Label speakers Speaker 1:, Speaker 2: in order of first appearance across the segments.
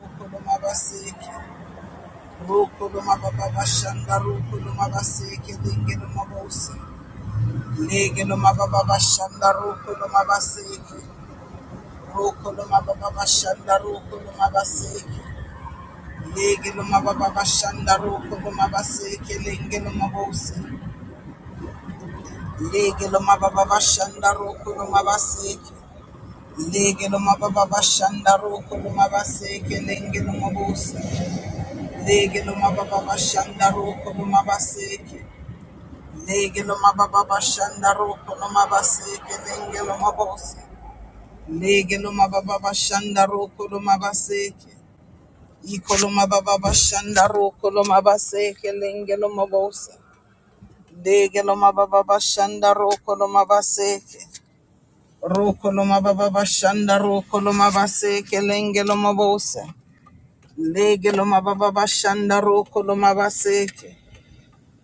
Speaker 1: Rukulumabaseke, Rukulumababashanda, Rukulumabaseke, Lingelumabosi, Legelumababashanda, Rukulumabaseke, Rukulumababashanda, Rukulumabaseke, Legelumababashanda, Rukulumabaseke, Lingelumabosi, Legelumababashanda, Rukulumabaseke, Legelumababashanda, Rukulumabaseke, Lingelumabosi, Legelumababashanda, Rukulumabaseke, Legelo mababa shanda roko no mabaseke lengelo mabose. Legelo mababa shanda roko no mabaseke. Ikolo mababa shanda roko no mabaseke lengelo mabose. Legelo mababa shanda roko no mabaseke. Roko no mababa shanda roko no mabaseke lengelo mabose. Legelo mababa shanda roko no mabaseke.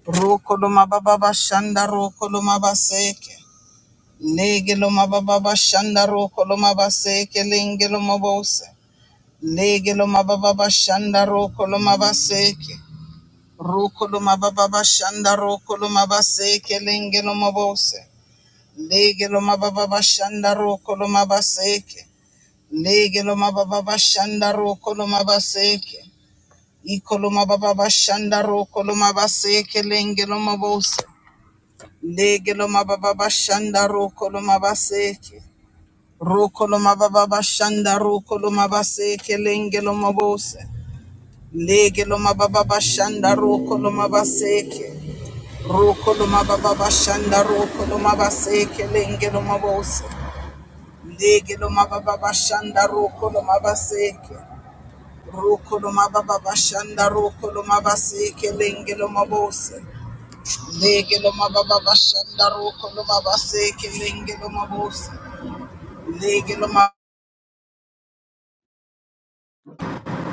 Speaker 1: Roko no mababa shanda roko no mabaseke. Lege lo mababa shanda roko lo mabase ke lenge lo mabose. Lege lo mababa shanda roko lo mabase ke. Roko lo mababa shanda roko lo mabase ke lenge lo mabose. Lege lo mababa shanda roko lo mabase ke. Lege lo mababa shanda roko lo mabase ke. Iko lo mababa shanda roko lo mabase ke lenge lo mabose. Lege lo mababa shanda roko lo mabase ke. Rokoloma baba bashanda rokoloma base kelenge loma bose. Lege loma bashanda rokoloma baseke. Rokoloma baba bashanda rokoloma base kelenge loma bose. Lege loma bashanda rokoloma baseke. Rokoloma baba bashanda rokoloma base kelenge loma bose. Lege loma bashanda rokoloma base kelenge loma Lege loma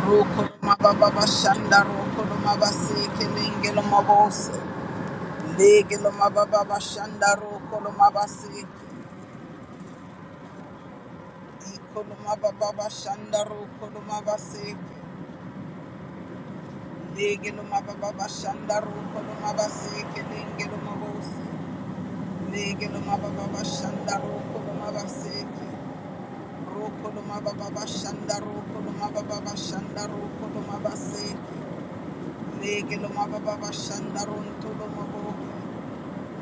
Speaker 1: Rokoroma baba bashanda rokoroma baseke lengelo mabose legelo mababa bashanda rokoroma baseke ikoloma baba bashanda rokoroma baseke legelo mababa bashanda rokoroma baseke lengelo mabose legelo mababa bashanda rokoroma baseke rokoroma baba bashanda rokoroma baba bashanda rokoroma baseke legelo mababa bashanda rontolo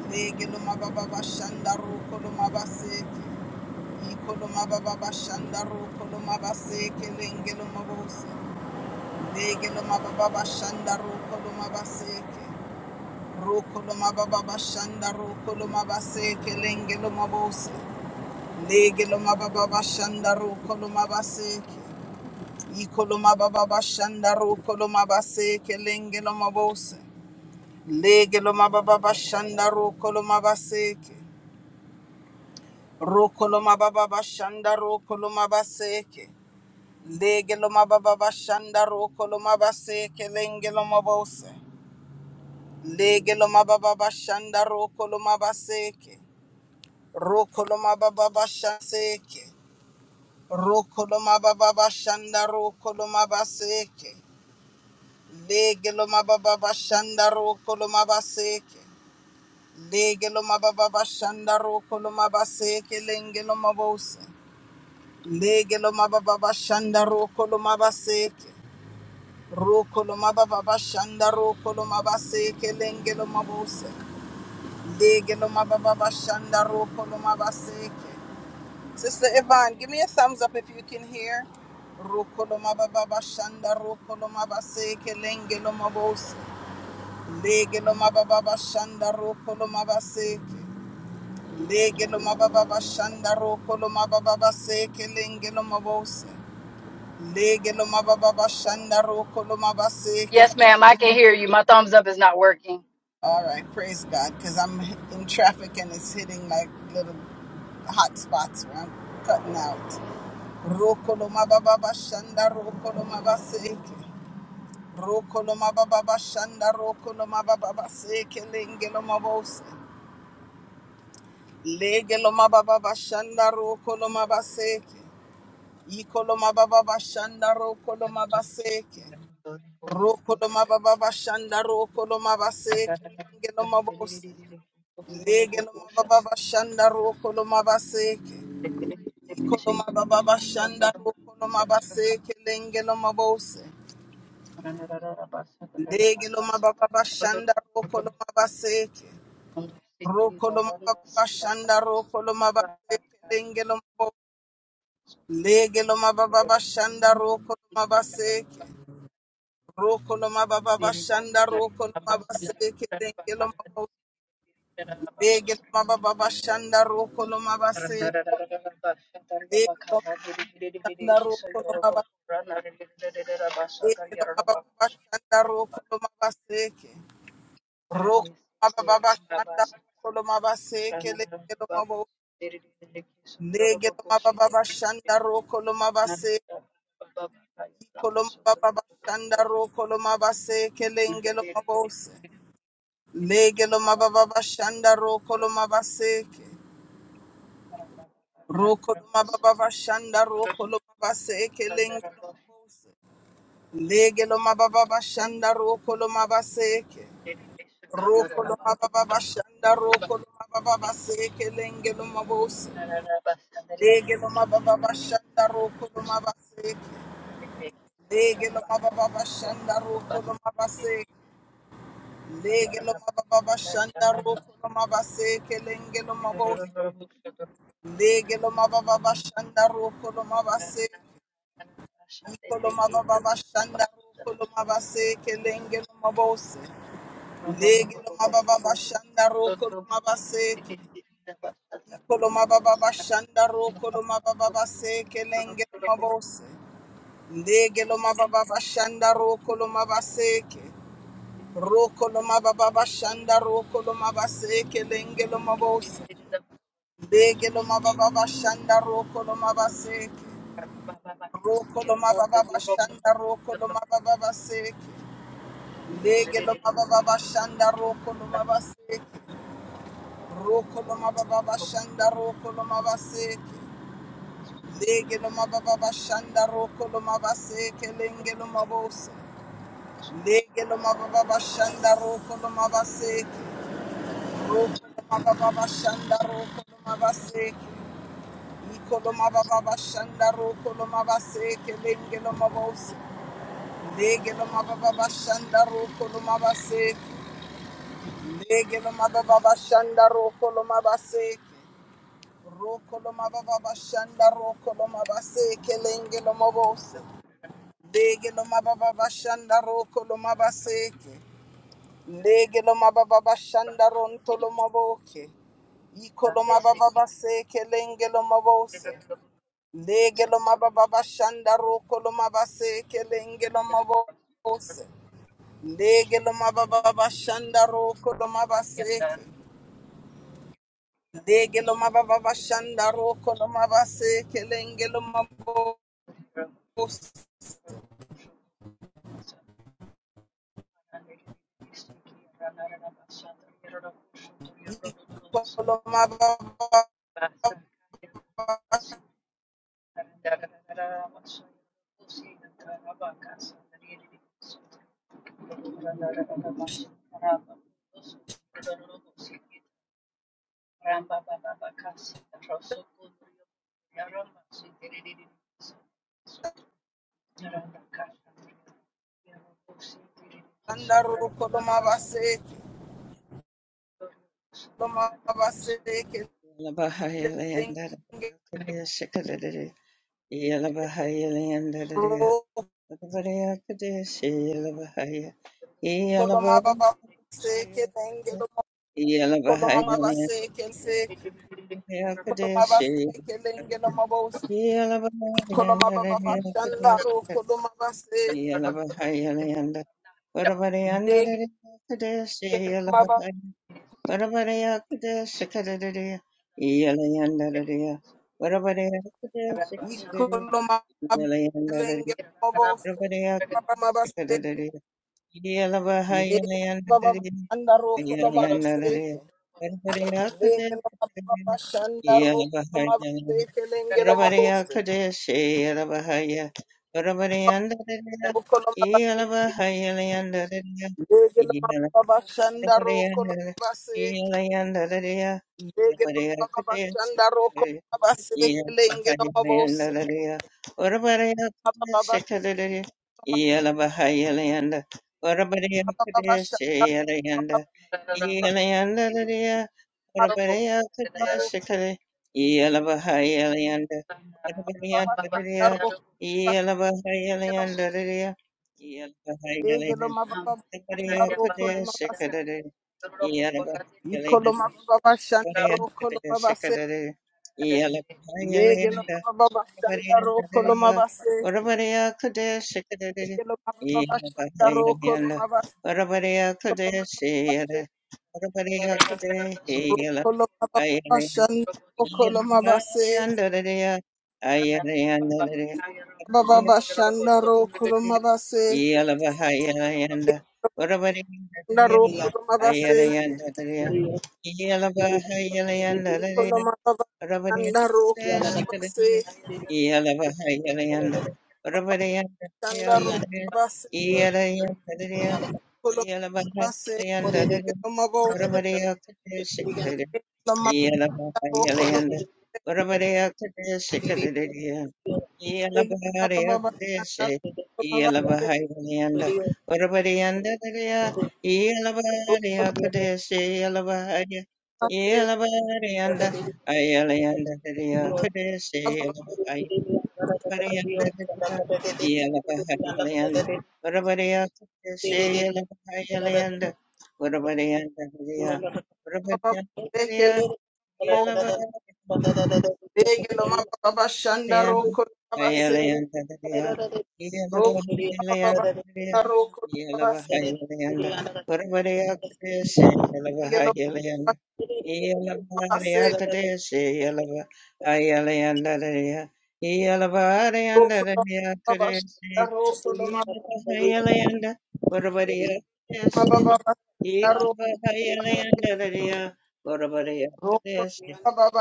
Speaker 1: Lege loma baba bashanda roko loma baseke. Iko loma baba bashanda roko loma baseke lenge loma bose. Lege loma baba bashanda roko loma baseke. mababa loma baba bashanda roko loma baseke lenge loma bose. bashanda roko loma baseke. Iko bashanda roko loma baseke lenge loma bose. bashanda roko loma Rokoloma baba bashanda rokoloma baseke. Legeloma baba bashanda rokoloma baseke lengeloma bose. Legeloma baba bashanda rokoloma baseke. Rokoloma baba bashaseke. Rokoloma baba bashanda rokoloma baseke. Legeloma baba bashanda rokoloma baseke. Legeloma baba bashanda rokoloma baseke lengeloma bose. Lege mababa bashanda roko lo mabaseke. Roko lo mababa bashanda roko lo mabaseke lenge lo mabose. Lege lo mababa bashanda roko lo mabaseke. Sister Yvonne, give me a thumbs up if you can hear. Roko lo mababa bashanda roko lo mabaseke lenge lo mabose. Lege lo mababa bashanda roko lo mabaseke. Lege lo mababa bashanda roko lo mababa baseke lenge lo mabose. Lege lo mababa shanda roko lo
Speaker 2: Yes,
Speaker 1: mabaseke.
Speaker 2: ma'am, I can hear you. My thumbs up is not working.
Speaker 1: All right, praise God, because I'm in traffic and it's hitting like little hot spots where I'm cutting out. Roko lo mababa shanda roko lo mabaseke. Roko lo mababa shanda roko lo mababa seke lenge lo mabose. Lege lo mababa shanda roko lo mabaseke. Iko lo mababa shanda roko lo mabaseke. Rokolo mababa shanda rokolo mabase kelenge no mabose lege no mababa shanda rokolo mabase ikolo mababa shanda rokolo mabase kelenge no mabose lege no mababa shanda rokolo mabase rokolo mababa shanda rokolo mabase kelenge no mabose lege no mababa shanda rokolo mabase no Lege lo mababa bashanda roko lo mabase. Lege lo mabashanda roko lo mabase. Lege lo mababa bashanda roko lo mabaseke. Roko mababa bashanda roko lo mabaseke. Lege lo mabo. Lege lo mababa bashanda roko lo mabase. Iko lo mababa bashanda roko lo mabaseke. Lenge lo mabose. Lege lo mababa bashanda roko lo mabaseke. Rokoloma baba shanda rokoloma baseke lengeloma bose. Legeloma baba shanda rokoloma baseke. Rokoloma baba shanda rokoloma baba baseke lengeloma bose. Legeloma baba shanda rokoloma baseke. Legeloma baba shanda rokoloma baseke. Legeloma baba shanda rokoloma baseke lengeloma bose. Legeloma baba shanda rokoloma baseke. Kolomaba baba shanda ro kolomaba se kelenge lomabose. Lege lomaba baba shanda ro kolomaba se. Kolomaba baba shanda ro kolomaba baba se kelenge lomabose. Lege lomaba baba shanda ro kolomaba se Ro kolomaba baba shanda kolomaba se kelenge lomabose. Lege lomaba baba shanda kolomaba se Ro kolomaba baba shanda kolomaba baba se Lege lo baba baba shanda roko lo baba seke. Roko lo baba baba shanda roko lo mabase seke. Lege lo baba baba shanda roko lo mabase, seke lenge lo mabose. Lege lo baba baba shanda roko lo baba Roko lo baba baba shanda roko lo baba Iko lo baba baba shanda roko lo mabase. seke lenge lo mabose. Lege lo baba baba shanda roko lo mabase. Lege lo mababa bashanda roko lo mabaseke. Roko lo mababa bashanda roko lo mabaseke lenge lo mabose. Lege lo mababa bashanda roko lo mabaseke. Lege lo mababa bashanda ronto lo maboke. Iko lo mababa baseke lenge lo mabose. Lege lo mababa bashanda roko lo mabaseke lenge lo mabose. Lege lo mababa bashanda roko lo mabaseke. Legelo mababa shanda roko lo mabase kelengelo mabo kolo mababa shanda roko lo mabase lo mabase kelenge roko lo mababa se kelengelo kolo mabase
Speaker 3: Yalabahaya
Speaker 1: kelse kolo mabase kelengelo mabo kolo mababa shanda roko lo mabase legelo
Speaker 3: Varavareyakade Sikadadadea, Yelayandaradea, Varavareyakade Sikadadadea,
Speaker 1: Ikoloma lenge
Speaker 3: Yelayandaradea,
Speaker 1: mabose
Speaker 3: Varavareyakade
Speaker 1: mabase
Speaker 3: Sikadadadea,
Speaker 1: lege mababa
Speaker 3: Yelavahayalayandadadea,
Speaker 1: anda ro koloma
Speaker 3: Yelayandaradea,
Speaker 1: baseke
Speaker 3: Varavareyakade
Speaker 1: lege mababa
Speaker 3: Sikadadadea,
Speaker 1: shanda ro koloma
Speaker 3: Yelavahayalayandadadea,
Speaker 1: baseke lenge lo mabose
Speaker 3: Varavareyakade Seyalavahaya, Varavarayandaradea,
Speaker 1: ro koloma ba-
Speaker 3: Yelavahayalayandadadea,
Speaker 1: lege baba
Speaker 3: yeah.
Speaker 1: shanda ro koloma baseke lege baba shanda ro koloma baseke lenge lo mabose mababa mababa shanda ro baba shanda ro koloma baseke lo- lege mababa shanda ro koloma
Speaker 3: Yeah.
Speaker 1: Ikoloma baba shanda ro koloma base. Legelo baba shanda ro koloma base. Legelo baba shanda ro koloma base. Koloma base. Ro koloma baba shanda ro koloma base. Baba shanda ro koloma base.
Speaker 3: Yelabahayanda, Whatabodya,
Speaker 1: Shanda ro koloma base.
Speaker 3: Ayalayandadaya, Yelabahayalayandadaya,
Speaker 1: Ikoloma baba
Speaker 3: Whatabodya,
Speaker 1: shanda ro koloma base.
Speaker 3: Sikadaya, Yelabahayalayanda, Whatabodya, Kudya,
Speaker 1: Shanda ro base.
Speaker 3: Yelayandadaya,
Speaker 1: Koloma base.
Speaker 3: Yelabahayalayandadaya, Whatabodya, Kudya,
Speaker 1: Koloma base.
Speaker 3: Yelabayanda Urabadea Kadesh Kadadea Yelabarea
Speaker 1: Rokoloma
Speaker 3: Kadesh
Speaker 4: Thank
Speaker 3: Yelabayanda
Speaker 4: you.
Speaker 3: Urabadianda Dadea Yelabarea Kadesh Yelabaya Yelabarianda Ayalayanda Dadea Kadesh Yelabaya Barianda Dadea Yelabayanda Urabadea Kadesh Yelabayanda Urabadianda Dadea Yellow, yeah,
Speaker 1: babaseke,
Speaker 4: Thank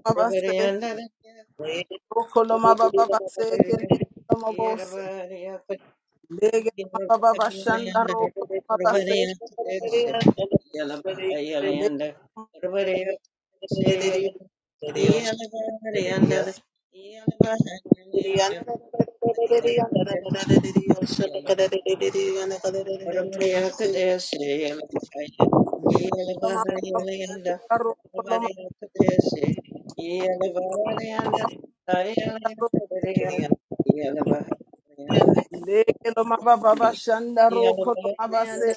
Speaker 3: yeah.
Speaker 1: rokoloma babaseke, le mabos. Lege mababa bashanda roko mabase. Lege lo
Speaker 3: Yeah. Everybody
Speaker 1: mababa bashanda
Speaker 4: you.
Speaker 1: roko lo
Speaker 4: Oriented
Speaker 1: mabaro. Lege lo mababa bashanda roko lo mabase.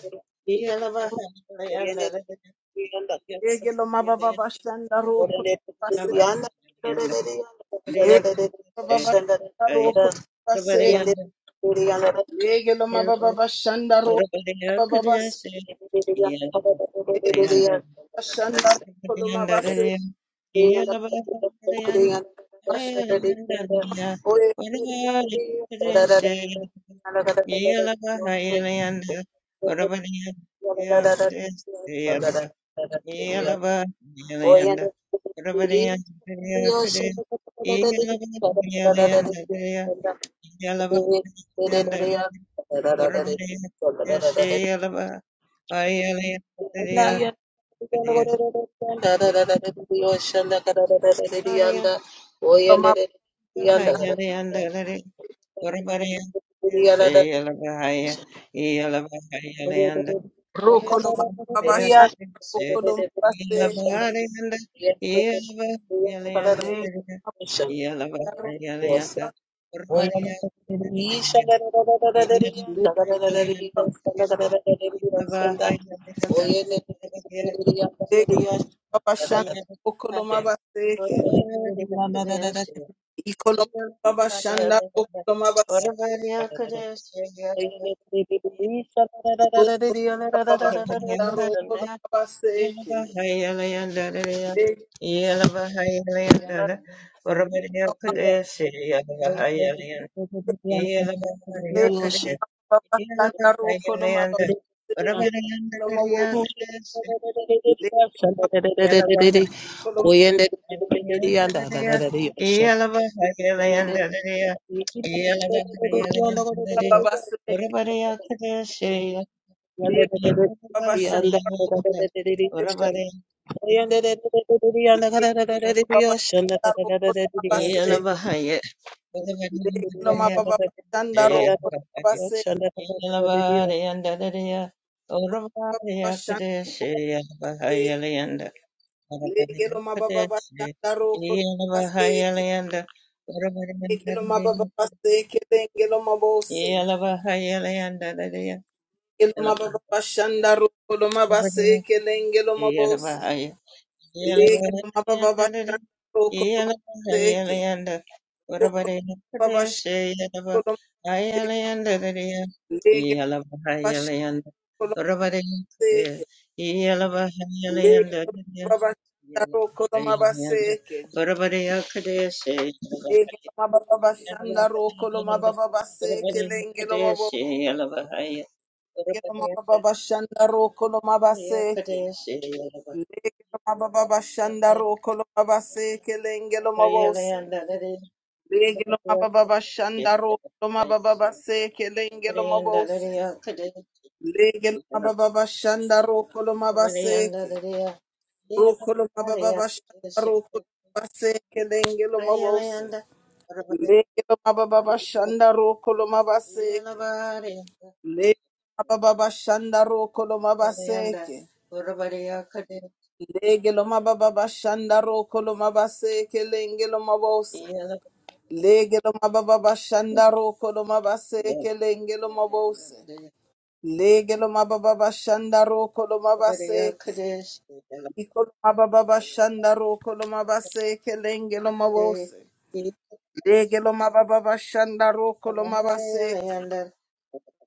Speaker 1: Lege lo mababa bashanda roko lo mabase. Lege lo mababa bashanda roko lo mabase. Lege lo mababa bashanda roko
Speaker 3: else
Speaker 1: lo mabase.
Speaker 3: could Yeah,
Speaker 1: Lege bashanda roko lo mabase.
Speaker 4: Oh,
Speaker 1: Bashande
Speaker 3: Yeah.
Speaker 1: lo mab roko lo mababa bashanda roko lo mabase. Lege
Speaker 4: Yes. Oye,
Speaker 1: Babashanda Okoloma Baseke.
Speaker 3: Yeah.
Speaker 1: Ikoloma babashanda, Okoloma Baseke. Babashanda Okoloma Baseke. Babashanda Okoloma Baseke. Okoloma
Speaker 4: Oyanda
Speaker 1: Baseke.
Speaker 3: Yeah.
Speaker 1: Okoloma Baseke. Babashanda Okoloma Babashanda Okoloma Baseke. Okoloma Babashanda Okoloma Baseke. Babashanda Legelo mababa bashanda roko baseke. Legelo mababa baseke lengelo mabose.
Speaker 3: Yelavahaya Leandalaya
Speaker 1: Legelo mababa
Speaker 3: Yelavahaya
Speaker 1: bashanda roko mabaseke lengelo mabose.
Speaker 3: Yelavahaya
Speaker 1: Legelo
Speaker 3: Yelavahaya
Speaker 1: mababa
Speaker 3: Dadaya
Speaker 1: bashanda roko
Speaker 3: Yelavahaya
Speaker 1: baseke.
Speaker 3: Leanda Urabadina
Speaker 1: Baba
Speaker 3: Pradesh
Speaker 1: shanda
Speaker 3: Yelavahaya Leandalaya
Speaker 1: Legelo
Speaker 3: Yelavahaya
Speaker 1: bashanda
Speaker 3: Leanda Urabadina Pradesh
Speaker 1: baseke.
Speaker 3: Yelavahaya
Speaker 1: Legelo
Speaker 3: Leandalaya
Speaker 1: mababa bashanda roko
Speaker 3: Yelavahaya Leanda Urabadina Pradesh
Speaker 1: Legelo mababa
Speaker 3: yeah,
Speaker 1: bashanda roko mababa baseke lengelo mabose. Legelo mababa bashanda roko mabaseke. Lege lo mababa bashanda roko lo mababa seke lo mabose. Lege lo mababa bashanda roko lo mababa seke lenge lo mabose. Lege lo mababa bashanda roko lo mababa seke. Roko lo mababa bashanda roko lo mababa seke lo mabose. Lege lo mababa bashanda roko lo mababa seke. Lege lo mababa bashanda roko lo mababa seke. Lege lo mababa bashanda roko lo mabase kelenge lo mabose. Lege lo mababa bashanda roko lo mabase
Speaker 3: Yeah.
Speaker 1: kelenge lo mabose. Lege lo mababa bashanda roko lo mabase ke. Iko lo mababa bashanda roko lo mabase kelenge lo mabose. Lege lo mababa bashanda roko lo mabase ke.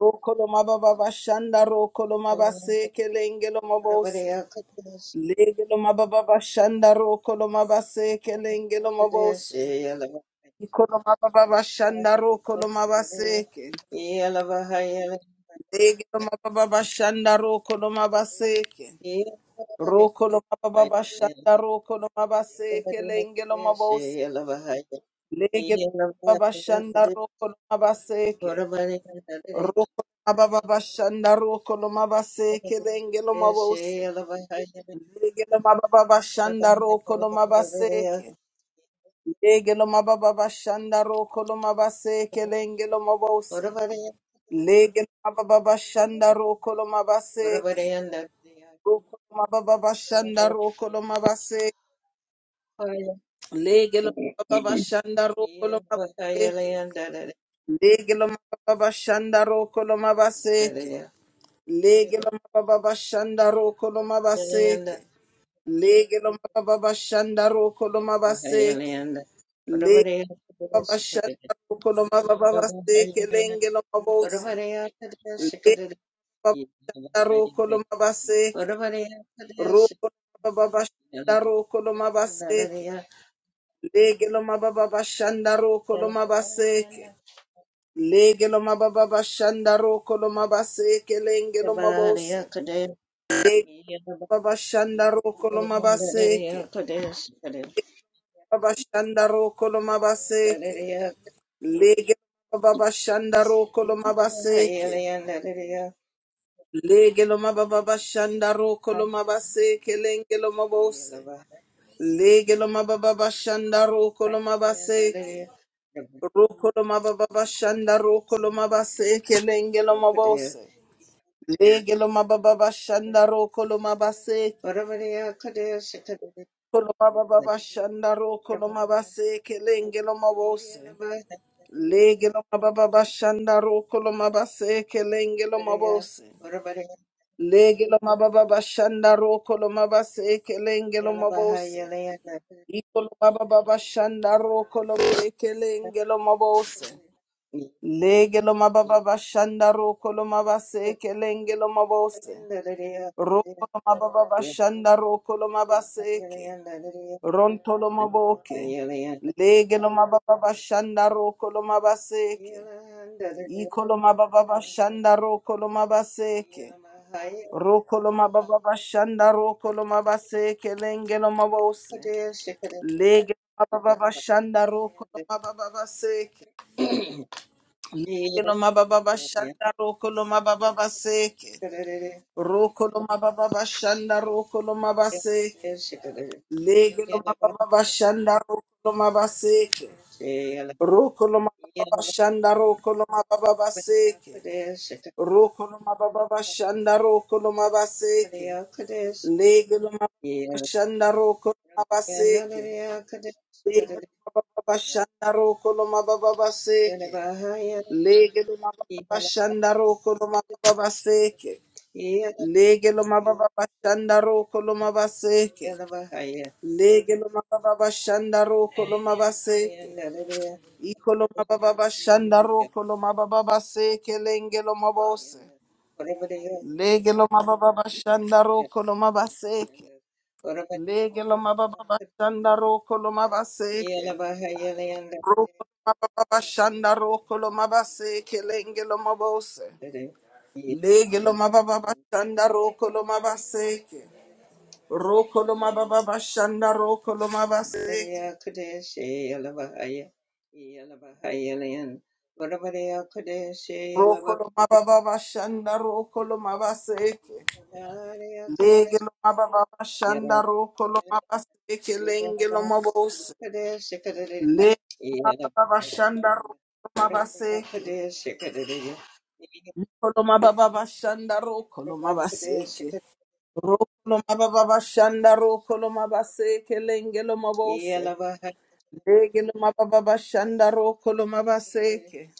Speaker 1: Roko lo mababa bashanda roko lo mabase kelenge lo mabose. Legelo mababa bashanda roko lo mabaseke lengelo mabose. Ikolo mababa bashanda roko lo mabaseke. Legelo mababa bashanda roko lo mabaseke. Roko lo mababa bashanda roko lo mabaseke lengelo mabose. Legelo mababa bashanda roko lo mabaseke. Roko lo mababa bashanda roko lo mabaseke lengelo mabose. Legelo mababa bashanda roko lo mabaseke. Legelo mababa shanda roko lo mabase kelengelo mabose. Legelo mababa shanda roko lo mabase ke. Roko lo mababa shanda roko lo mabase. Legelo mababa shanda roko lo mabase ke. Legelo mababa shanda roko lo mabase ke. Legelo mababa shanda roko lo mabase ke.
Speaker 3: Yeah.
Speaker 1: Legelo mababa shanda roko lo mabase
Speaker 3: Yeah.
Speaker 1: ke. Baba Shara Koloma Baba Seke Lenge Loma Bose Lenge Baba Taro Koloma Baba Seke Roko Baba Shanda Roko Loma Baba Seke Lege Loma Baba Shanda Roko Loma Baba Seke Lege Loma Baba Shanda Roko Loma Lenge Loma Bose Lege Baba Shanda Roko Loma Baba Seke Baba Shanda Lege Baba Shanda Roko Loma Legelo mababa shandaro kolomabase kelengelo mabose. Legelo mababa shandaro kolomabaseke. Rokolo mababa shandaro kolomabase kelengelo mabose. Legelo mababa shandaro kolomabase
Speaker 3: Orabariya Kadea Shikadea
Speaker 1: kolomababa shandaro
Speaker 3: Orabariya
Speaker 1: kolomabase kelengelo mabose. Legelo
Speaker 3: Yelabahaya
Speaker 1: mababa shandaro kolomabase kelengelo mabose.
Speaker 3: Orabariya
Speaker 1: Lege lo mababa bashanda roko lo mabase kelenge lo mabose.
Speaker 3: Yelabahaya Leana
Speaker 1: Iko lo mababa bashanda roko lo mabase kelenge lo mabose. Lege lo mababa bashanda roko lo mabase kelenge lo mabose. Roko lo mababa bashanda roko lo mabase ke. Ronto lo maboke. Lege lo mababa bashanda roko lo mabase ke. Iko lo mababa bashanda roko lo mabase ke. Rokolo mababa bashanda rokolo mabase kelenge no mabose. Lege mababa bashanda rokolo mababa baseke. Kelo mababa bashanda rokolo mababa baseke. Rokolo mababa bashanda rokolo mabaseke. Lege no mababa bashanda rokolo mabaseke.
Speaker 3: Yeah.
Speaker 1: Rokolo mababa bashanda rokolo mababa baseke. Rokolo mababa bashanda rokolo mabaseke. Legelo mabashanda roko mabaseke. Legelo mabashanda roko mababaseke. Legelo mabashanda roko mababaseke. Legelo mabashanda roko mabaseke. Legelo mabashanda roko mabaseke. Ikolo mababashanda roko mababaseke lengelo mabose. Legelo mababashanda roko mabaseke. Lege lo mababa bashanda roko lo mabaseke.
Speaker 3: Yeah.
Speaker 1: Roko lo mababa bashanda roko lo mabaseke lenge lo mabose. Lege lo mababa bashanda roko lo mabaseke. Roko lo mababa bashanda roko lo mabaseke. Roko lo mababa bashanda roko lo mabaseke. Lege lo mababa bashanda roko lo mabaseke lenge lo mabose. Lege lo
Speaker 3: Yeah.
Speaker 1: mababa bashanda roko lo mabaseke. Koloma baba bashanda ro koloma baseke. Ro koloma baba bashanda ro koloma baseke lenge loma bose. Lege loma baba bashanda ro koloma baseke.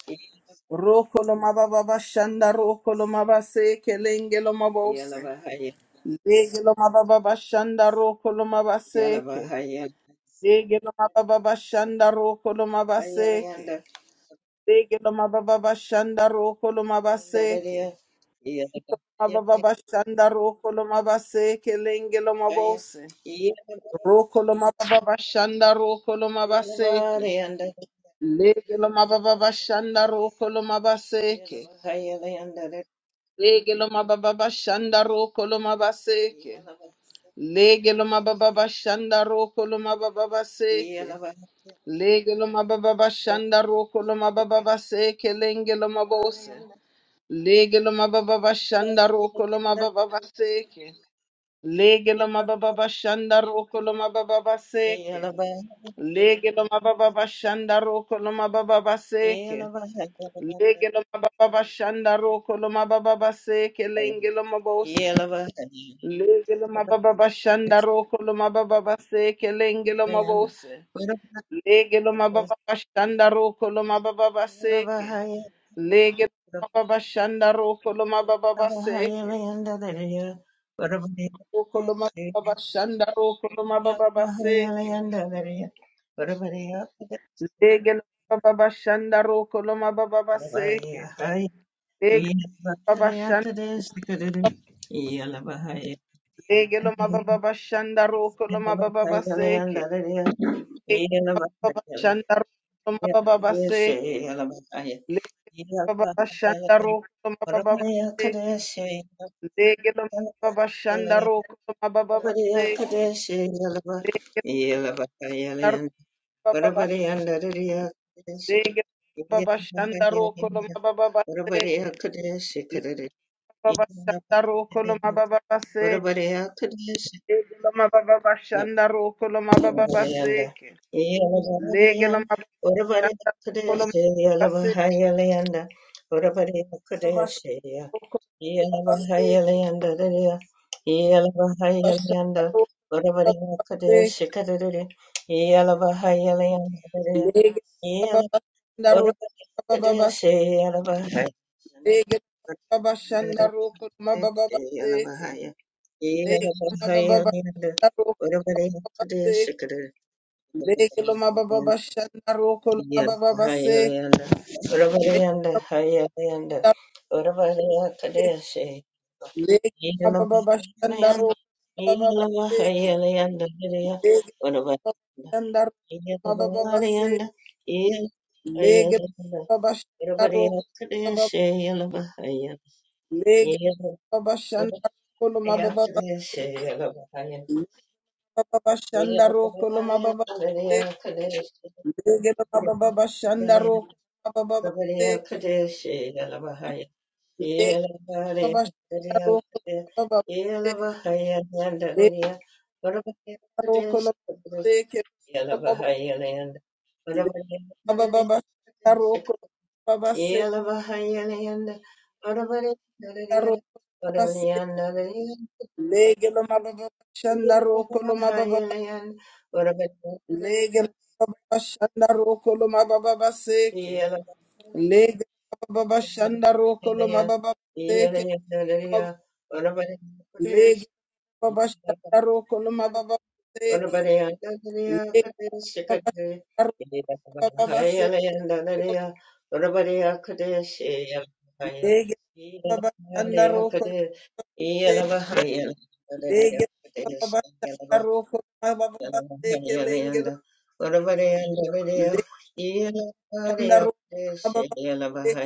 Speaker 1: Ro koloma baba bashanda ro koloma baseke lenge loma bose. Lege loma baba bashanda ro koloma baseke. Lege loma baba bashanda ro koloma baseke. Lege loma baba bashanda ro koloma baseke. Mababa Shanda Roko Lomabase Kelenge Lomabose Roko Lomababa Shanda Roko Lomabaseke Lege Lomababa Shanda Roko Lomabaseke Lege Lomababa Shanda Roko Lomabaseke Lege Lomababa Shanda Roko
Speaker 3: Yeah.
Speaker 1: Lomababaseke Lege Lomababa Shanda Roko Lomababaseke Lenge Lomabose Lege Lomababa Shanda Roko Lomababaseke Lege lo mababa bashanda roko lo mababa baseke. Lege lo mababa bashanda roko lo mababa baseke. Lege lo mababa bashanda roko lo mababa baseke lenge lo mabose. Lege lo mababa bashanda roko lo mababa baseke lenge lo mabose. Lege lo mababa bashanda roko lo mababa baseke. Lege lo mababa bashanda roko lo mababa baseke. Roko lo mababa bashanda roko lo
Speaker 3: Yeah.
Speaker 1: mababa baseke. Lege lo mababa shanda roko lo mababa baseke. Lege lo mababa shanda lege lo mababa shanda roko lo mababa baseke. Lege lo mababa shanda roko lo mababa baseke. Lege lo mababa shanda roko lo mababa baseke. Lege lo mababa shanda roko lo mababa baseke. Lege lo mababa bas-
Speaker 3: Barabareya ndarareya kadeshi.
Speaker 1: lege lo
Speaker 3: Iya
Speaker 1: mababa shanda
Speaker 3: bahaya
Speaker 1: roko lo
Speaker 3: rinda.
Speaker 1: mababa
Speaker 3: Barabareya
Speaker 1: baseke.
Speaker 3: kadeshi
Speaker 1: Lege
Speaker 3: karare.
Speaker 1: lo mababa
Speaker 3: Iya
Speaker 1: shanda
Speaker 3: bahaya
Speaker 1: roko lo
Speaker 3: rinda.
Speaker 1: mababa baseke.
Speaker 3: Barabareya kadeshi.
Speaker 1: Lege lo mababa bashanda roko lo mababa
Speaker 3: Barabareya nda.
Speaker 1: baseke.
Speaker 3: Iya
Speaker 1: Lege
Speaker 3: bahaya
Speaker 1: lo
Speaker 3: nda.
Speaker 1: mababa
Speaker 3: Barabareya kadeshi. Iya
Speaker 1: bashanda
Speaker 3: bahaya rinda. Barabareya
Speaker 1: roko lo mababa baseke. Bashanda
Speaker 3: kadeshi. Iya.
Speaker 1: roko lo
Speaker 3: Iya bahaya
Speaker 1: baseke.
Speaker 3: rinda. Iya. Iya bahaya
Speaker 1: Bashanda
Speaker 3: rinda.
Speaker 1: roko lo
Speaker 3: Barabareya
Speaker 1: baseke.
Speaker 3: kadeshi karare. Iya
Speaker 5: I'm gonna make
Speaker 1: Lege lo mababa
Speaker 3: Ora padadashe alabahaya.
Speaker 1: bashanda roko lo mababa
Speaker 3: Padadashe
Speaker 1: baseke.
Speaker 3: alabahaya. Ye
Speaker 1: Lege lo
Speaker 3: alabahaya
Speaker 1: mababa
Speaker 3: linda.
Speaker 1: bashanda roko lo mababa baseke. Lege lo mababa bashanda roko lo baseke.
Speaker 3: Ora padadashe kadadabahaya.
Speaker 1: Lege lo mababa bashanda roko lo
Speaker 3: Ye
Speaker 1: mababa
Speaker 3: alabahaya
Speaker 1: baseke.
Speaker 3: linda. Ora padadashe haya linda. Ora padadashe.
Speaker 1: Lege
Speaker 3: Ye
Speaker 1: mababa bashanda
Speaker 3: alabahaya
Speaker 1: ro
Speaker 3: linda. Ye
Speaker 1: mababa
Speaker 3: alabahaya
Speaker 1: baseke.
Speaker 3: linda. linda.
Speaker 1: Lege
Speaker 3: Ora padadashe.
Speaker 1: mababa bashanda ro
Speaker 3: Ye
Speaker 1: mababa
Speaker 3: alabahaya
Speaker 1: base.
Speaker 3: linda. Ye alabahaya
Speaker 1: Lege
Speaker 3: linda.
Speaker 1: mababa bashanda ro
Speaker 3: Yeah.
Speaker 1: mababa. Lege mababa bashanda ro lo mababa baseke. Lege mababa bashanda ro lo mababa baseke. Lege mababa bashanda ro mababa baseke. Lege mababa bashanda ro mababa baseke. Lege ro lo baseke. Lege mababa bashanda ro koloma baba baba seke.
Speaker 3: Yelavahayalanda,
Speaker 5: you
Speaker 3: Aravarendalaya, Aravarendalaya,
Speaker 1: Legelo mababa shanda roko lo mababa
Speaker 3: Yelavahayalanda, Aravarendalaya,
Speaker 1: legelo mababa shanda roko lo mababa seke
Speaker 3: Yelavahayalanda,
Speaker 1: legelo mababa shanda roko lo
Speaker 3: Aravarendalaya,
Speaker 1: mababa seke
Speaker 3: Yelavahayalanda,
Speaker 1: legelo mababa shanda roko lo
Speaker 3: Aravarendalaya,
Speaker 1: mababa seke
Speaker 3: Yalabahaya,
Speaker 1: legelo mababa shanda roko lo mababa seke legelo mababa shanda roko lo Lege baba shanda roko baba baba seke lengelo. Lege shanda roko baba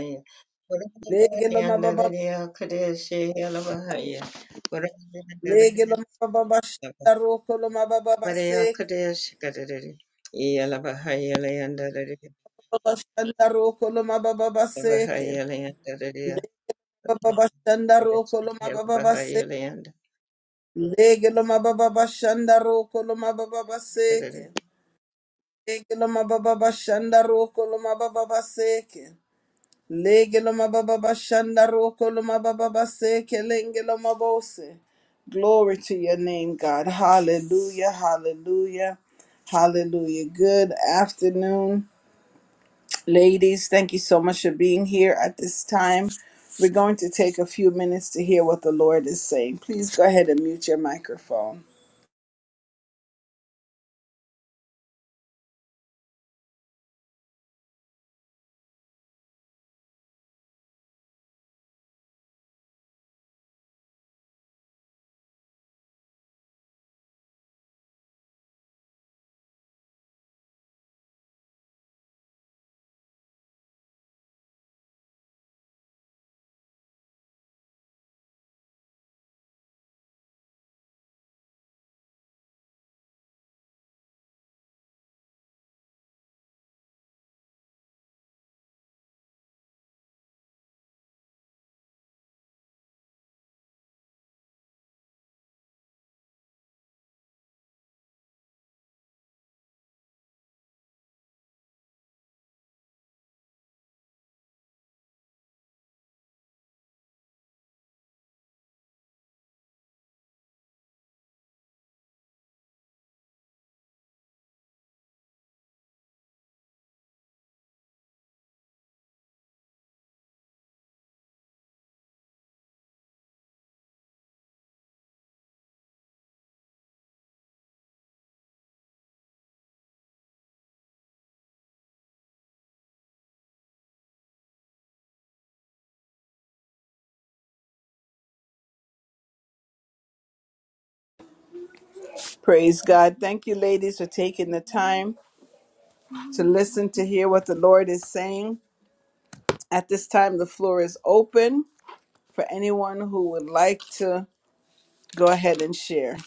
Speaker 1: Lege lo mababa, lege lo mababa shanda roko lo mababa
Speaker 3: Maria
Speaker 1: seke,
Speaker 3: Kadesh Kadadadi Yalabahayalayanda
Speaker 1: baba shanda roko lo mababa
Speaker 5: mine.
Speaker 1: seke,
Speaker 3: Yalabahayalayanda
Speaker 1: lege baba shanda roko lo mababa seke,
Speaker 3: Yalabahayalayanda
Speaker 1: lege lo mababa shanda roko lo mababa seke, lege lo mababa shanda roko lo mababa seke. Lege lo mababa shanda roko lo mababa seke lenge lo mabose. Glory to your name, God. Hallelujah, hallelujah, hallelujah. Good afternoon, ladies. Thank you so much for being here at this time. We're going to take a few minutes to hear what the Lord is saying. Please go ahead and mute your microphone. Praise God. Thank you, ladies, for taking the time to listen to hear what the Lord is saying. At this time, the floor is open. for anyone who would like to go ahead and share.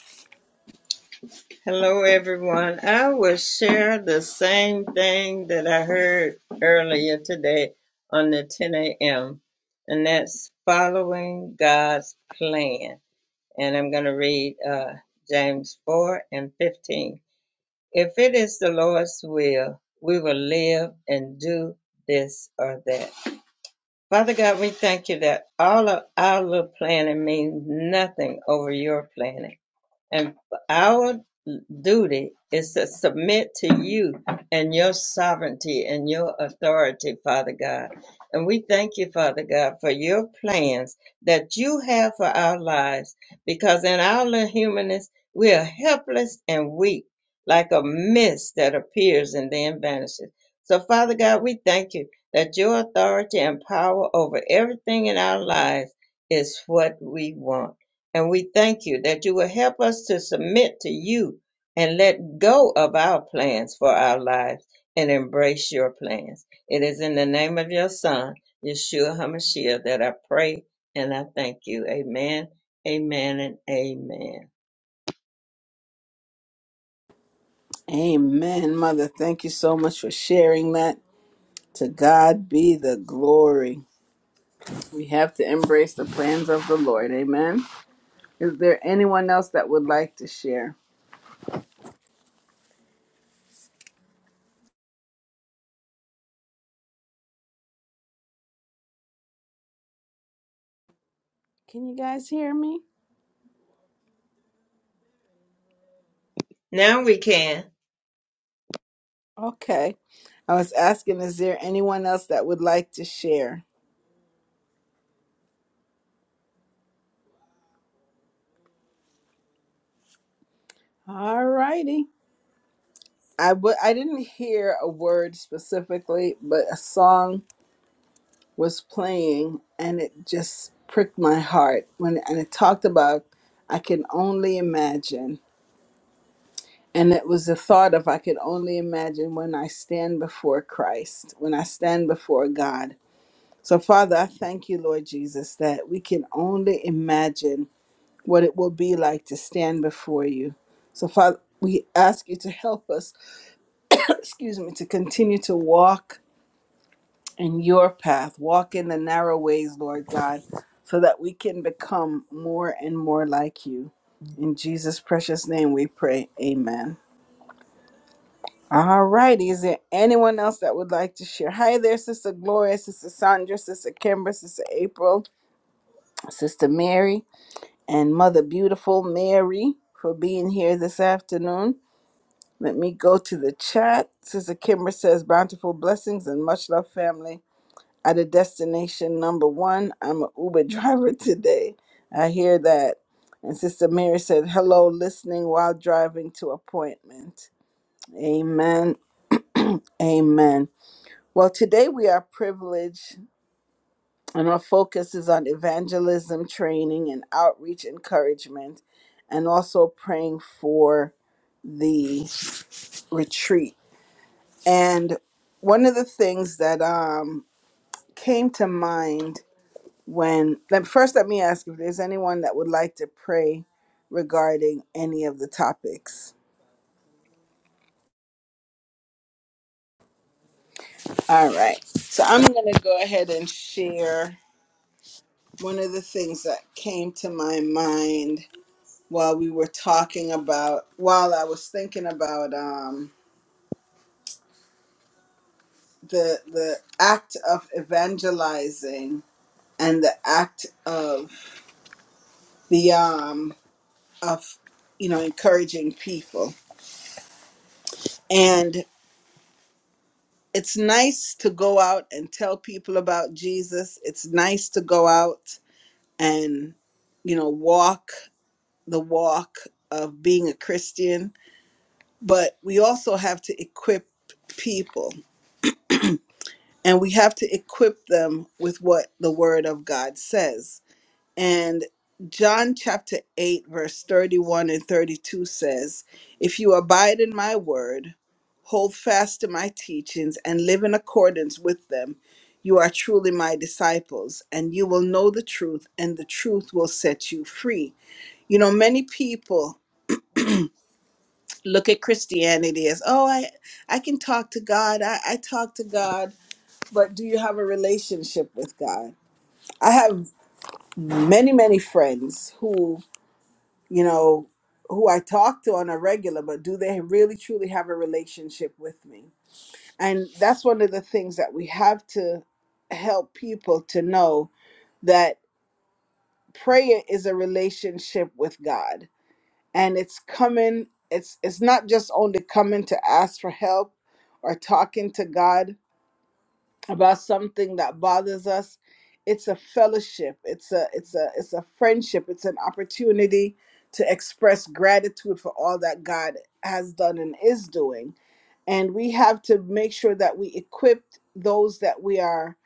Speaker 3: Hello everyone. I will share the same thing that I heard earlier today on the 10 a.m. and that's following God's plan. And I'm going to read uh, James 4 and 15. If it is the Lord's will, we will live and do this or that. Father God, we thank you that all of our little planning means nothing over your planning. And our duty is to submit to you and your sovereignty and your authority, Father God. And we thank you, Father God, for your plans that you have for our lives, because in our little humanness, we are helpless and weak, like a mist that appears and then vanishes. So, Father God, we thank you that your authority and power over everything in our lives is what we want. And we thank you that you will help us to submit to you and let go of our plans for our lives and embrace your plans. It is in the name of your Son, Yeshua HaMashiach, that I pray and I thank you. Amen, amen, and amen.
Speaker 1: Amen, Mother. Thank you so much for sharing that. To God be the glory. We have to embrace the plans of the Lord. Amen. Is there anyone else that would like to share? Can you guys hear me?
Speaker 3: Now we can.
Speaker 1: Okay. I was asking, is there anyone else that would like to share? All righty. I w- I didn't hear a word specifically, but a song was playing and it just pricked my heart when and it talked about I can only imagine and it was the thought of I could only imagine when I stand before Christ, when I stand before God. So Father, I thank you, Lord Jesus, that we can only imagine what it will be like to stand before you. So Father, we ask you to help us, excuse me, to continue to walk in your path. Walk in the narrow ways, Lord God, so that we can become more and more like you. In Jesus' precious name we pray. Amen. All righty. Is there anyone else that would like to share? Hi there, Sister Gloria, Sister Sandra, Sister Kimber, Sister April, Sister Mary, and Mother Beautiful Mary for being here this afternoon. Let me go to the chat. Sister Kimber says, Bountiful blessings and much love, family. at a destination number one. I'm an Uber driver today. I hear that. And Sister Mary said, hello, listening while driving to appointment. Amen. Amen. Well, today we are privileged, and our focus is on evangelism training and outreach encouragement, and also praying for the retreat. And one of the things that um, came to mind when let, first let me ask if there's anyone that would like to pray regarding any of the topics all right so i'm going to go ahead and share one of the things that came to my mind while we were talking about while i was thinking about um, the the act of evangelizing and the act of the um of you know encouraging people it's nice to go out and tell people about Jesus. It's nice to go out and, you know, walk the walk of being a Christian. But we also have to equip people and we have to equip them with what the Word of God says. And John chapter 8, verse 31 and 32 says, If you abide in my word, hold fast to my teachings, and live in accordance with them, you are truly my disciples, and you will know the truth, and the truth will set you free. You know, many people look at Christianity as, oh, I, I can talk to God, I, I talk to God, but do you have a relationship with God? I have many, many friends who, you know, who I talk to on a regular, but do they really truly have a relationship with me? And that's one of the things that we have to help people to know that prayer is a relationship with God. And it's coming, it's it's not just only coming to ask for help or talking to God about something that bothers us. It's a fellowship, it's a it's a it's a friendship, it's an opportunity to express gratitude for all that God has done and is doing and we have to make sure that we equip those that we are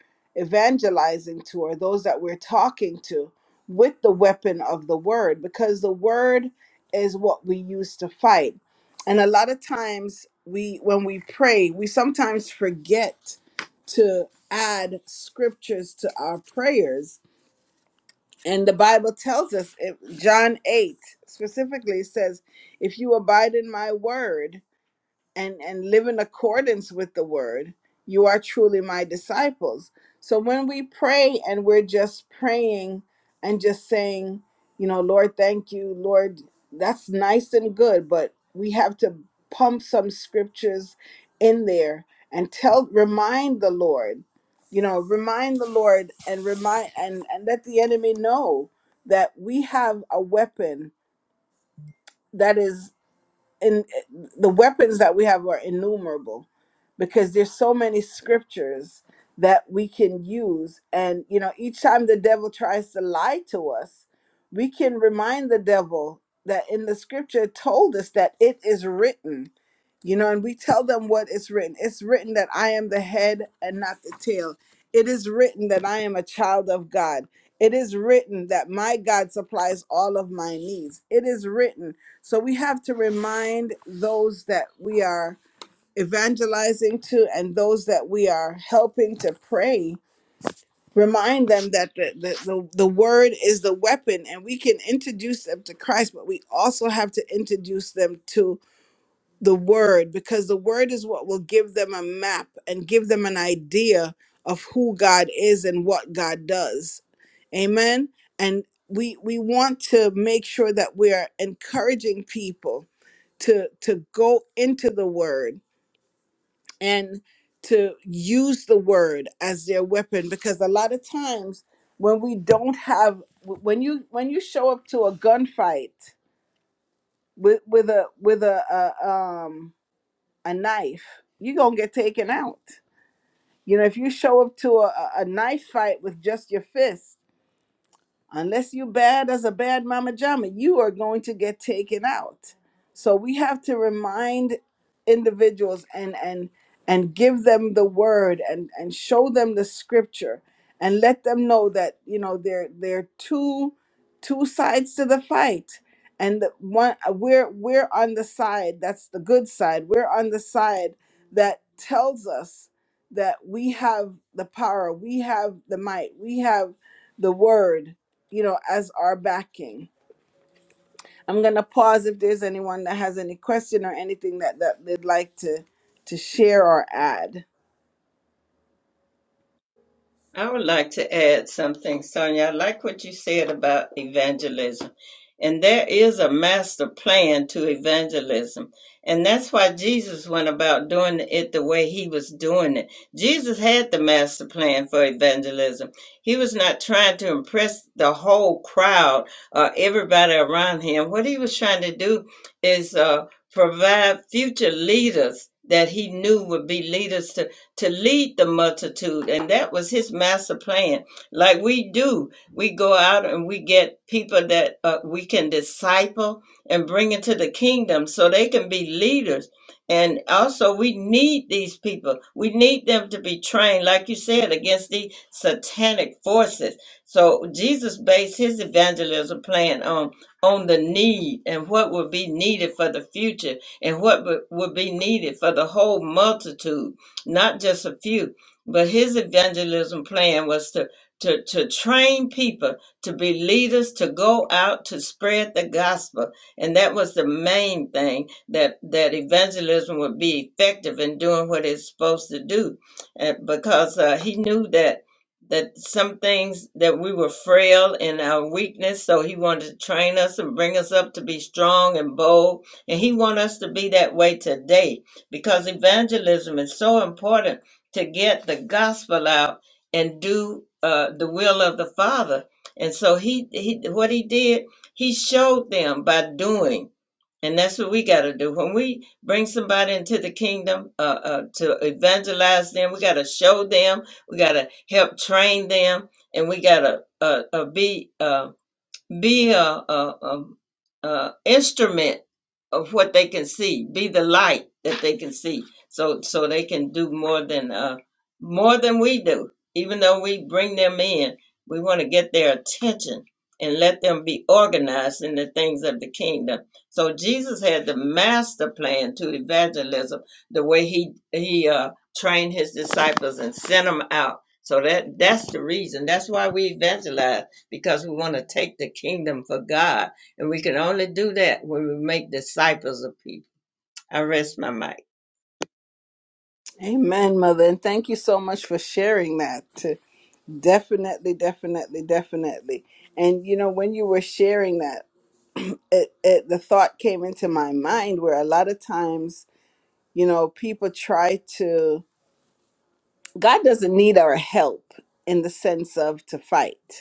Speaker 1: evangelizing to or those that we're talking to with the weapon of the word because the word is what we use to fight and a lot of times we when we pray we sometimes forget to add scriptures to our prayers and the bible tells us if- john 8 specifically says if you abide in my word and and live in accordance with the word you are truly my disciples so when we pray and we're just praying and just saying you know lord thank you lord that's nice and good but we have to pump some scriptures in there and tell remind the lord you know remind the lord and remind and and let the enemy know that we have a weapon that is in eh, the weapons that we have are innumerable because there's so many scriptures that we can use and you know each time the devil tries to lie to us we can remind the devil that in the scripture it told us that it is written you know and we tell them what is written it's written that i am the head and not the tail it is written that i am a child of god it is written that my god supplies all of my needs it is written so we have to remind those that we are evangelizing to and those that we are helping to pray remind them that the, the, the, the word is the weapon and we can introduce them to christ but we also have to introduce them to the word because the word is what will give them a map and give them an idea of who god is and what god does amen and we we want to make sure that we are encouraging people to to go into the word and to use the word as their weapon because a lot of times when we don't have when you when you show up to a gunfight with with a with a, a um a knife you're gonna get taken out you know if you show up to a, a a knife fight with just your fist unless you bad as a bad mama jama, you are going to get taken out. So we have to remind individuals and and and give them the word and and show them the scripture and let them know that you know there there are two two sides to the fight and the one we're we're on the side that's the good side we're on the side that tells us that we have the power we have the might we have the word you know, as our backing. I'm gonna pause if there's anyone that has any question or anything that, that they'd like to to share or add.
Speaker 3: I would like to add something, Sonia. I like what you said about evangelism. And there is a master plan to evangelism. And that's why Jesus went about doing it the way he was doing it. Jesus had the master plan for evangelism. He was not trying to impress the whole crowd or everybody around him. What he was trying to do is uh, provide future leaders that he knew would be leaders to, to lead the multitude. And that was his master plan. Like we do, we go out and we get people that uh, we can disciple and bring into the kingdom so they can be leaders. And also, we need these people. We need them to be trained, like you said, against the satanic forces so Jesus based his evangelism plan on on the need and what would be needed for the future and what would, would be needed for the whole multitude, not just a few. But his evangelism plan was to to, to train people to be leaders to go out to spread the gospel and that was the main thing that that evangelism would be effective in doing what it's supposed to do and because uh, he knew that that some things that we were frail in our weakness so he wanted to train us and bring us up to be strong and bold and he want us to be that way today because evangelism is so important to get the gospel out and do uh, the will of the father and so he, he what he did he showed them by doing and that's what we got to do. When we bring somebody into the kingdom uh, uh, to evangelize them, we got to show them, we got to help train them, and we got to uh, uh, be. Um, be a, a, a, a instrument of what they can see. Be the light that they can see. So so they can do more than uh, more than we do. Even though we bring them in, we want to get their attention and let them be organized in the things of the kingdom. So Jesus had the master plan to evangelism, the way he he uh, trained his disciples and sent them out. So that that's the reason. That's why we evangelize because we want to take the kingdom for God. And we can only do that when we make disciples of people. I rest my mic.
Speaker 1: Amen, mother, and thank you so much for sharing that. Definitely, definitely, definitely. And you know, when you were sharing that, it, it the thought came into my mind where a lot of times, you know, people try to God doesn't need our help in the sense of to fight.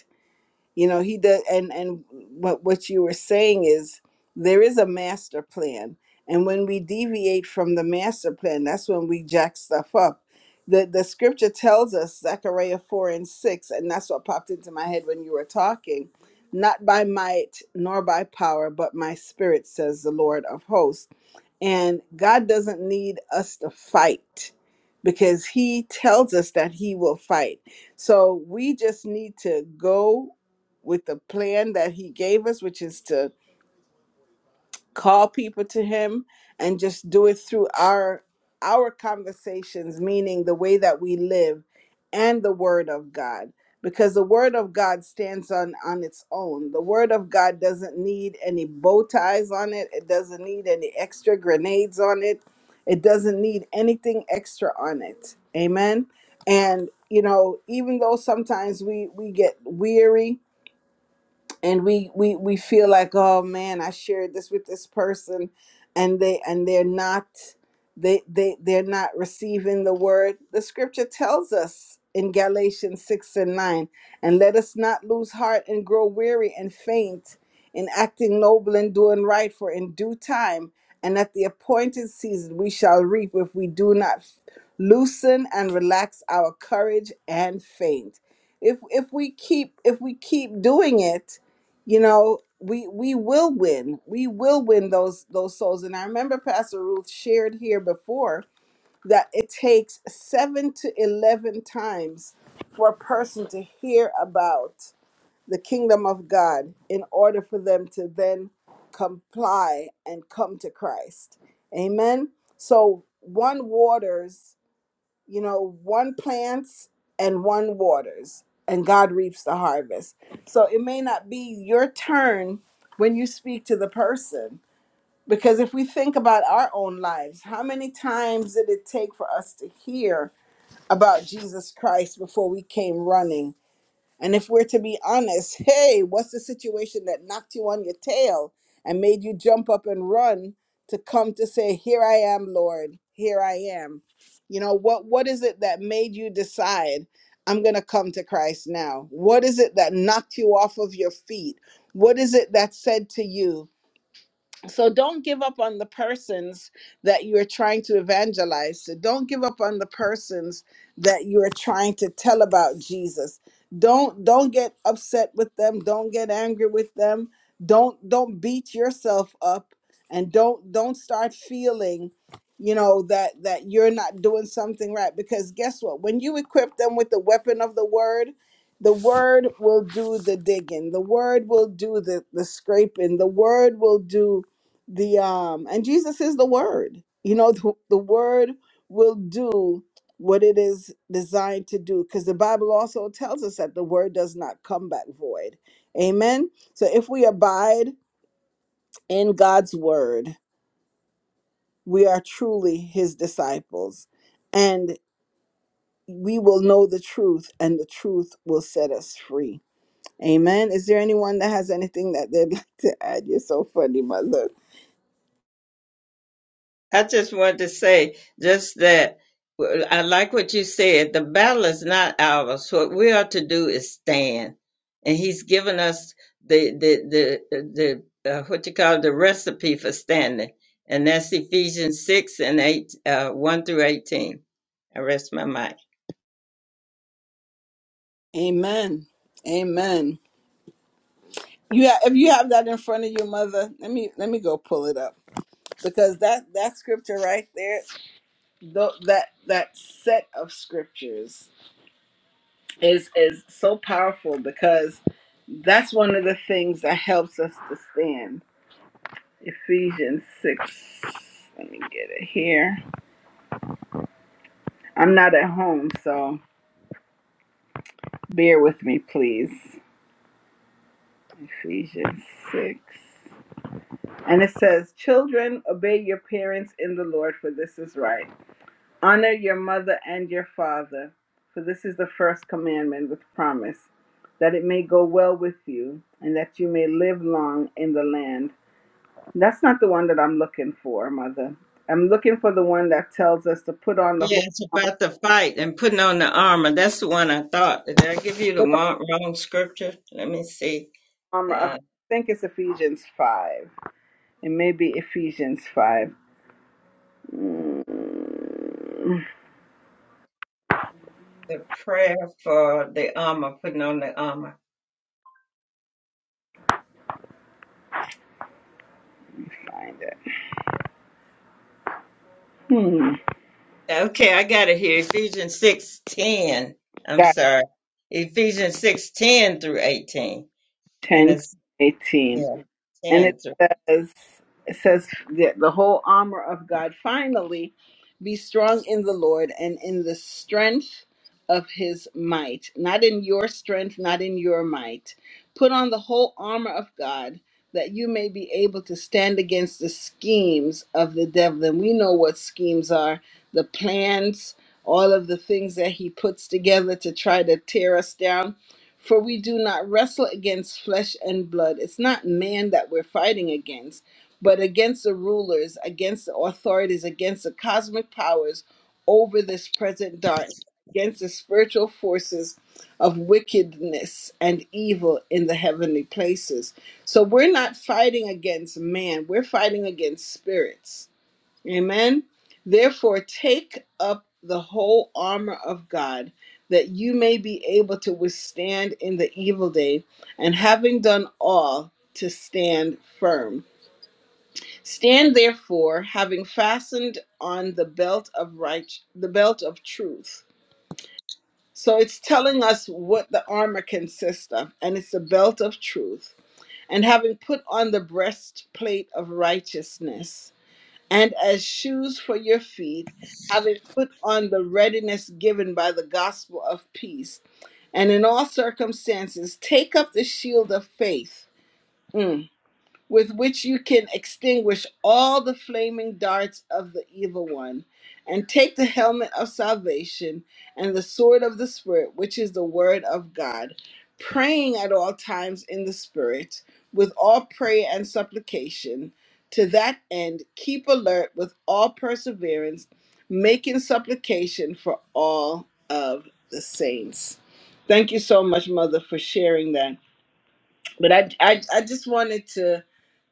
Speaker 1: you know he does and and what what you were saying is there is a master plan and when we deviate from the master plan that's when we jack stuff up the the scripture tells us zechariah 4 and 6 and that's what popped into my head when you were talking not by might nor by power but my spirit says the lord of hosts and God doesn't need us to fight because He tells us that He will fight. So we just need to go with the plan that He gave us, which is to call people to him and just do it through our our conversations meaning the way that we live and the word of god because the word of god stands on on its own the word of god doesn't need any bow ties on it it doesn't need any extra grenades on it it doesn't need anything extra on it amen and you know even though sometimes we we get weary and we we we feel like oh man i shared this with this person and they and they're not they they they're not receiving the word the scripture tells us in galatians 6 and 9 and let us not lose heart and grow weary and faint in acting noble and doing right for in due time and at the appointed season we shall reap if we do not loosen and relax our courage and faint if if we keep if we keep doing it you know we we will win we will win those those souls and i remember pastor ruth shared here before that it takes 7 to 11 times for a person to hear about the kingdom of god in order for them to then comply and come to christ amen so one waters you know, one plants and one waters, and God reaps the harvest. So it may not be your turn when you speak to the person. Because if we think about our own lives, how many times did it take for us to hear about Jesus Christ before we came running? And if we're to be honest, hey, what's the situation that knocked you on your tail and made you jump up and run to come to say, "Here I am, Lord. Here I am." You know, what what is it that made you decide I'm going to come to Christ now? What is it that knocked you off of your feet? What is it that said to you? so don't give up on the persons that you are trying to evangelize to. Don't give up on the persons that you are trying to tell about Jesus. Don't don't get upset with them. Don't get angry with them. Don't don't beat yourself up and don't don't start feeling you know that that you're not doing something right because guess what when you equip them with the weapon of the word the word will do the digging the word will do the the scraping the word will do the um and jesus is the word you know the, the word will do what it is designed to do because the bible also tells us that the word does not come back void amen so if we abide in god's word we are truly his disciples and we will know the truth and the truth will set us free amen is there anyone that has anything that they'd like to add you're so funny mother
Speaker 3: I just wanted to say just that well, I like what you said. The battle is not ours. What we are to do is stand. And he's given us the the the the uh, what you call the recipe for standing. And that's Ephesians 6 and 8, uh, 1 through 18. I rest my mic.
Speaker 1: amen amen You have, if you have that in front of you, mother, let me let me go pull it up because that that scripture right there, tho- that that set of scriptures is is so powerful because that's one of the things that helps us to stand. Ephesians six. Let me get it here. I'm not at home, so bear with me, please. Ephesians six. And it says, Children, obey your parents in the Lord, for this is right. Honor your mother and your father, for this is the first commandment with promise, that it may go well with you and that you may live long in the land. That's not the one that I'm looking for, mother. I'm looking for the one that tells us to put on the
Speaker 3: Yeah,
Speaker 1: whole
Speaker 3: it's about the fight and putting on the armor. That's the one I thought. Did I give you the wrong, wrong scripture? Let me see.
Speaker 1: armor of. I
Speaker 3: Uh,
Speaker 1: think it's Ephesians 5. It may be Ephesians 5. Mm,
Speaker 3: the prayer for the armor, putting on the armor.
Speaker 1: Find it. Hmm.
Speaker 3: Okay, I got it here. Ephesians six ten. I'm
Speaker 1: Got
Speaker 3: sorry. Ephesians six ten through eighteen, and
Speaker 1: 10,
Speaker 3: it's
Speaker 1: 18.
Speaker 3: yeah
Speaker 1: and it
Speaker 3: ten through.
Speaker 1: says it says the, the whole armor of god finally be strong in the lord and in the strength of his might not in your strength not in your might put on the whole armor of god that you may be able to stand against the schemes of the devil and we know what schemes are the plans all of the things that he puts together to try to tear us down for we do not wrestle against flesh and blood. It's not man that we're fighting against, but against the rulers, against the authorities, against the cosmic powers over this present darkness, against the spiritual forces of wickedness and evil in the heavenly places. So we're not fighting against man, we're fighting against spirits Amen. Therefore, take up the whole armor of God, that you may be able to withstand in the evil day, and having done all, to stand firm. Stand therefore, having fastened on the belt of right, the belt of truth. So it's telling us what the armor consists of, and it's the belt of truth. And having put on the breastplate of righteousness and as shoes for your feet, having put on the readiness given by the gospel of peace. And in all circumstances, take up the shield of faith. Mm with which you can extinguish all the flaming darts of the evil one, and take the helmet of salvation and the sword of the Spirit, which is the word of God, praying at all times in the Spirit, with all prayer and supplication. To that end, keep alert with all perseverance, making supplication for all of the saints. Thank you so much, Mother, for sharing that. But I, I, I just wanted to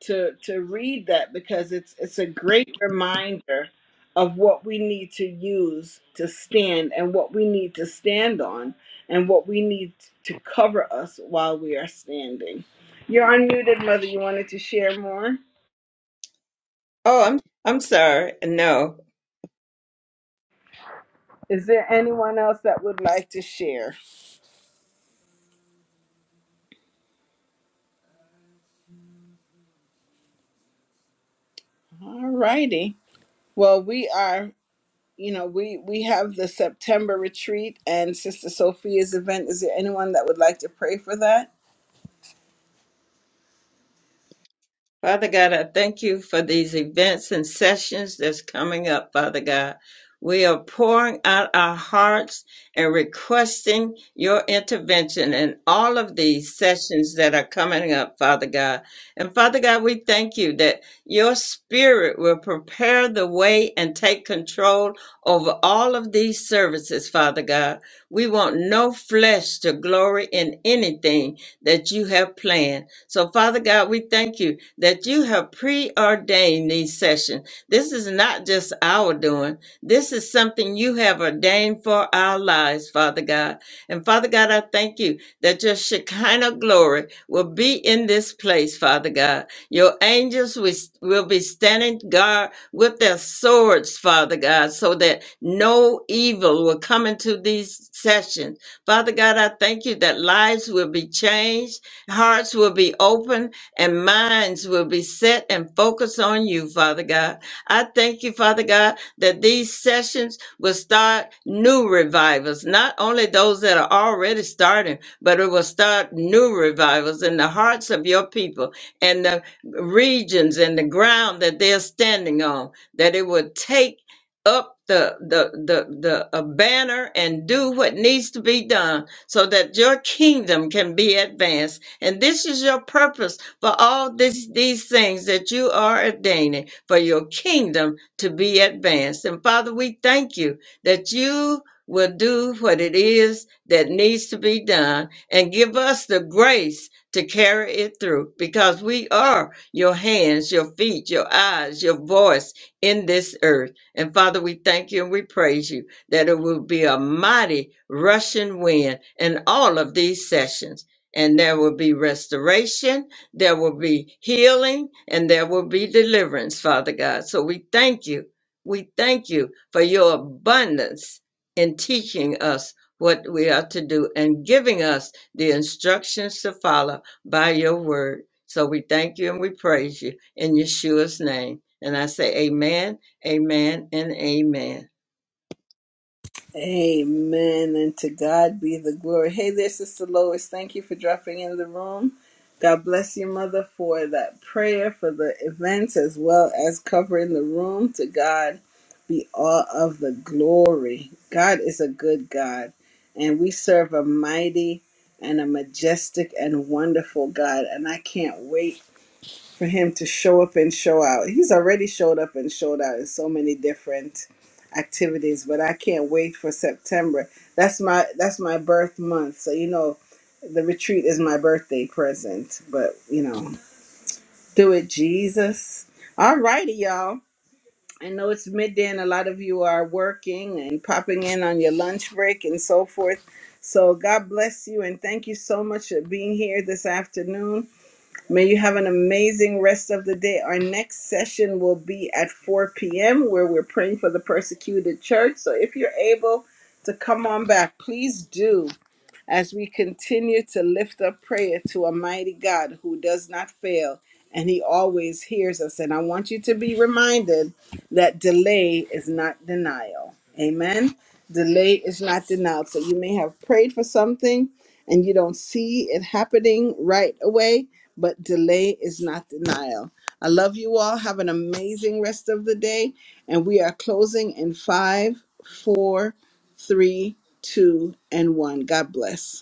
Speaker 1: to to read that because it's it's a great reminder of what we need to use to stand and what we need to stand on and what we need to cover us while we are standing. You're unmuted, mother. You wanted to share more?
Speaker 3: Oh, I'm I'm sorry. No.
Speaker 1: Is there anyone else that would like to share? All righty. Well, we are, you know, we we have the September retreat and Sister Sophia's event. Is there anyone that would like to pray for that?
Speaker 3: Father God, I thank you for these events and sessions that's coming up, Father God. We are pouring out our hearts and requesting your intervention in all of these sessions that are coming up, Father God. And Father God, we thank you that your spirit will prepare the way and take control over all of these services, Father God. We want no flesh to glory in anything that you have planned. So, Father God, we thank you that you have preordained these sessions. This is not just our doing, this is something you have ordained for our lives, Father God. And, Father God, I thank you that your Shekinah glory will be in this place, Father God. Your angels will will be standing guard with their swords, Father God, so that no evil will come into these sessions. Father God, I thank you that lives will be changed Hearts will be open and minds will be set and focused on you, Father God. I thank you, Father God, that these sessions will start new revivals, not only those that are already starting, but it will start new revivals in the hearts of your people and the regions and the ground that they're standing on, that it will take up the the the the a banner and do what needs to be done so that your kingdom can be advanced and this is your purpose for all this, these things that you are ordaining for your kingdom to be advanced. And Father, we thank you that you will do what it is that needs to be done and give us the grace to carry it through because we are your hands, your feet, your eyes, your voice in this earth. And Father, we thank you and we praise you that it will be a mighty rushing wind in all of these sessions and there will be restoration, there will be healing, and there will be deliverance, Father God. So we thank you. We thank you for your abundance in teaching us what we are to do and giving us the instructions to follow by your word. So we thank you and we praise you in Yeshua's name. And I say, Amen, Amen, and Amen.
Speaker 1: Amen. And to God be the glory. Hey there, Sister Lois. Thank you for dropping in the room. God bless you, Mother, for that prayer, for the events, as well as covering the room. To God be all of the glory. God is a good God, and we serve a mighty and a majestic and wonderful God. And I can't wait for him to show up and show out. He's already showed up and showed out in so many different activities, but I can't wait for September. That's my that's my birth month. So you know, the retreat is my birthday present. But you know, do it, Jesus. All righty, y'all. I know it's midday and a lot of you are working and popping in on your lunch break and so forth. So God bless you and thank you so much for being here this afternoon. May you have an amazing rest of the day. Our next session will be at 4 p.m., where we're praying for the persecuted church. So if you're able to come on back, please do as we continue to lift up prayer to a mighty God who does not fail and he always hears us. And I want you to be reminded that delay is not denial. Amen. Delay is not denial. So you may have prayed for something and you don't see it happening right away, but delay is not denial. I love you all. Have an amazing rest of the day. And we are closing in five, four, three, two, and one. God bless.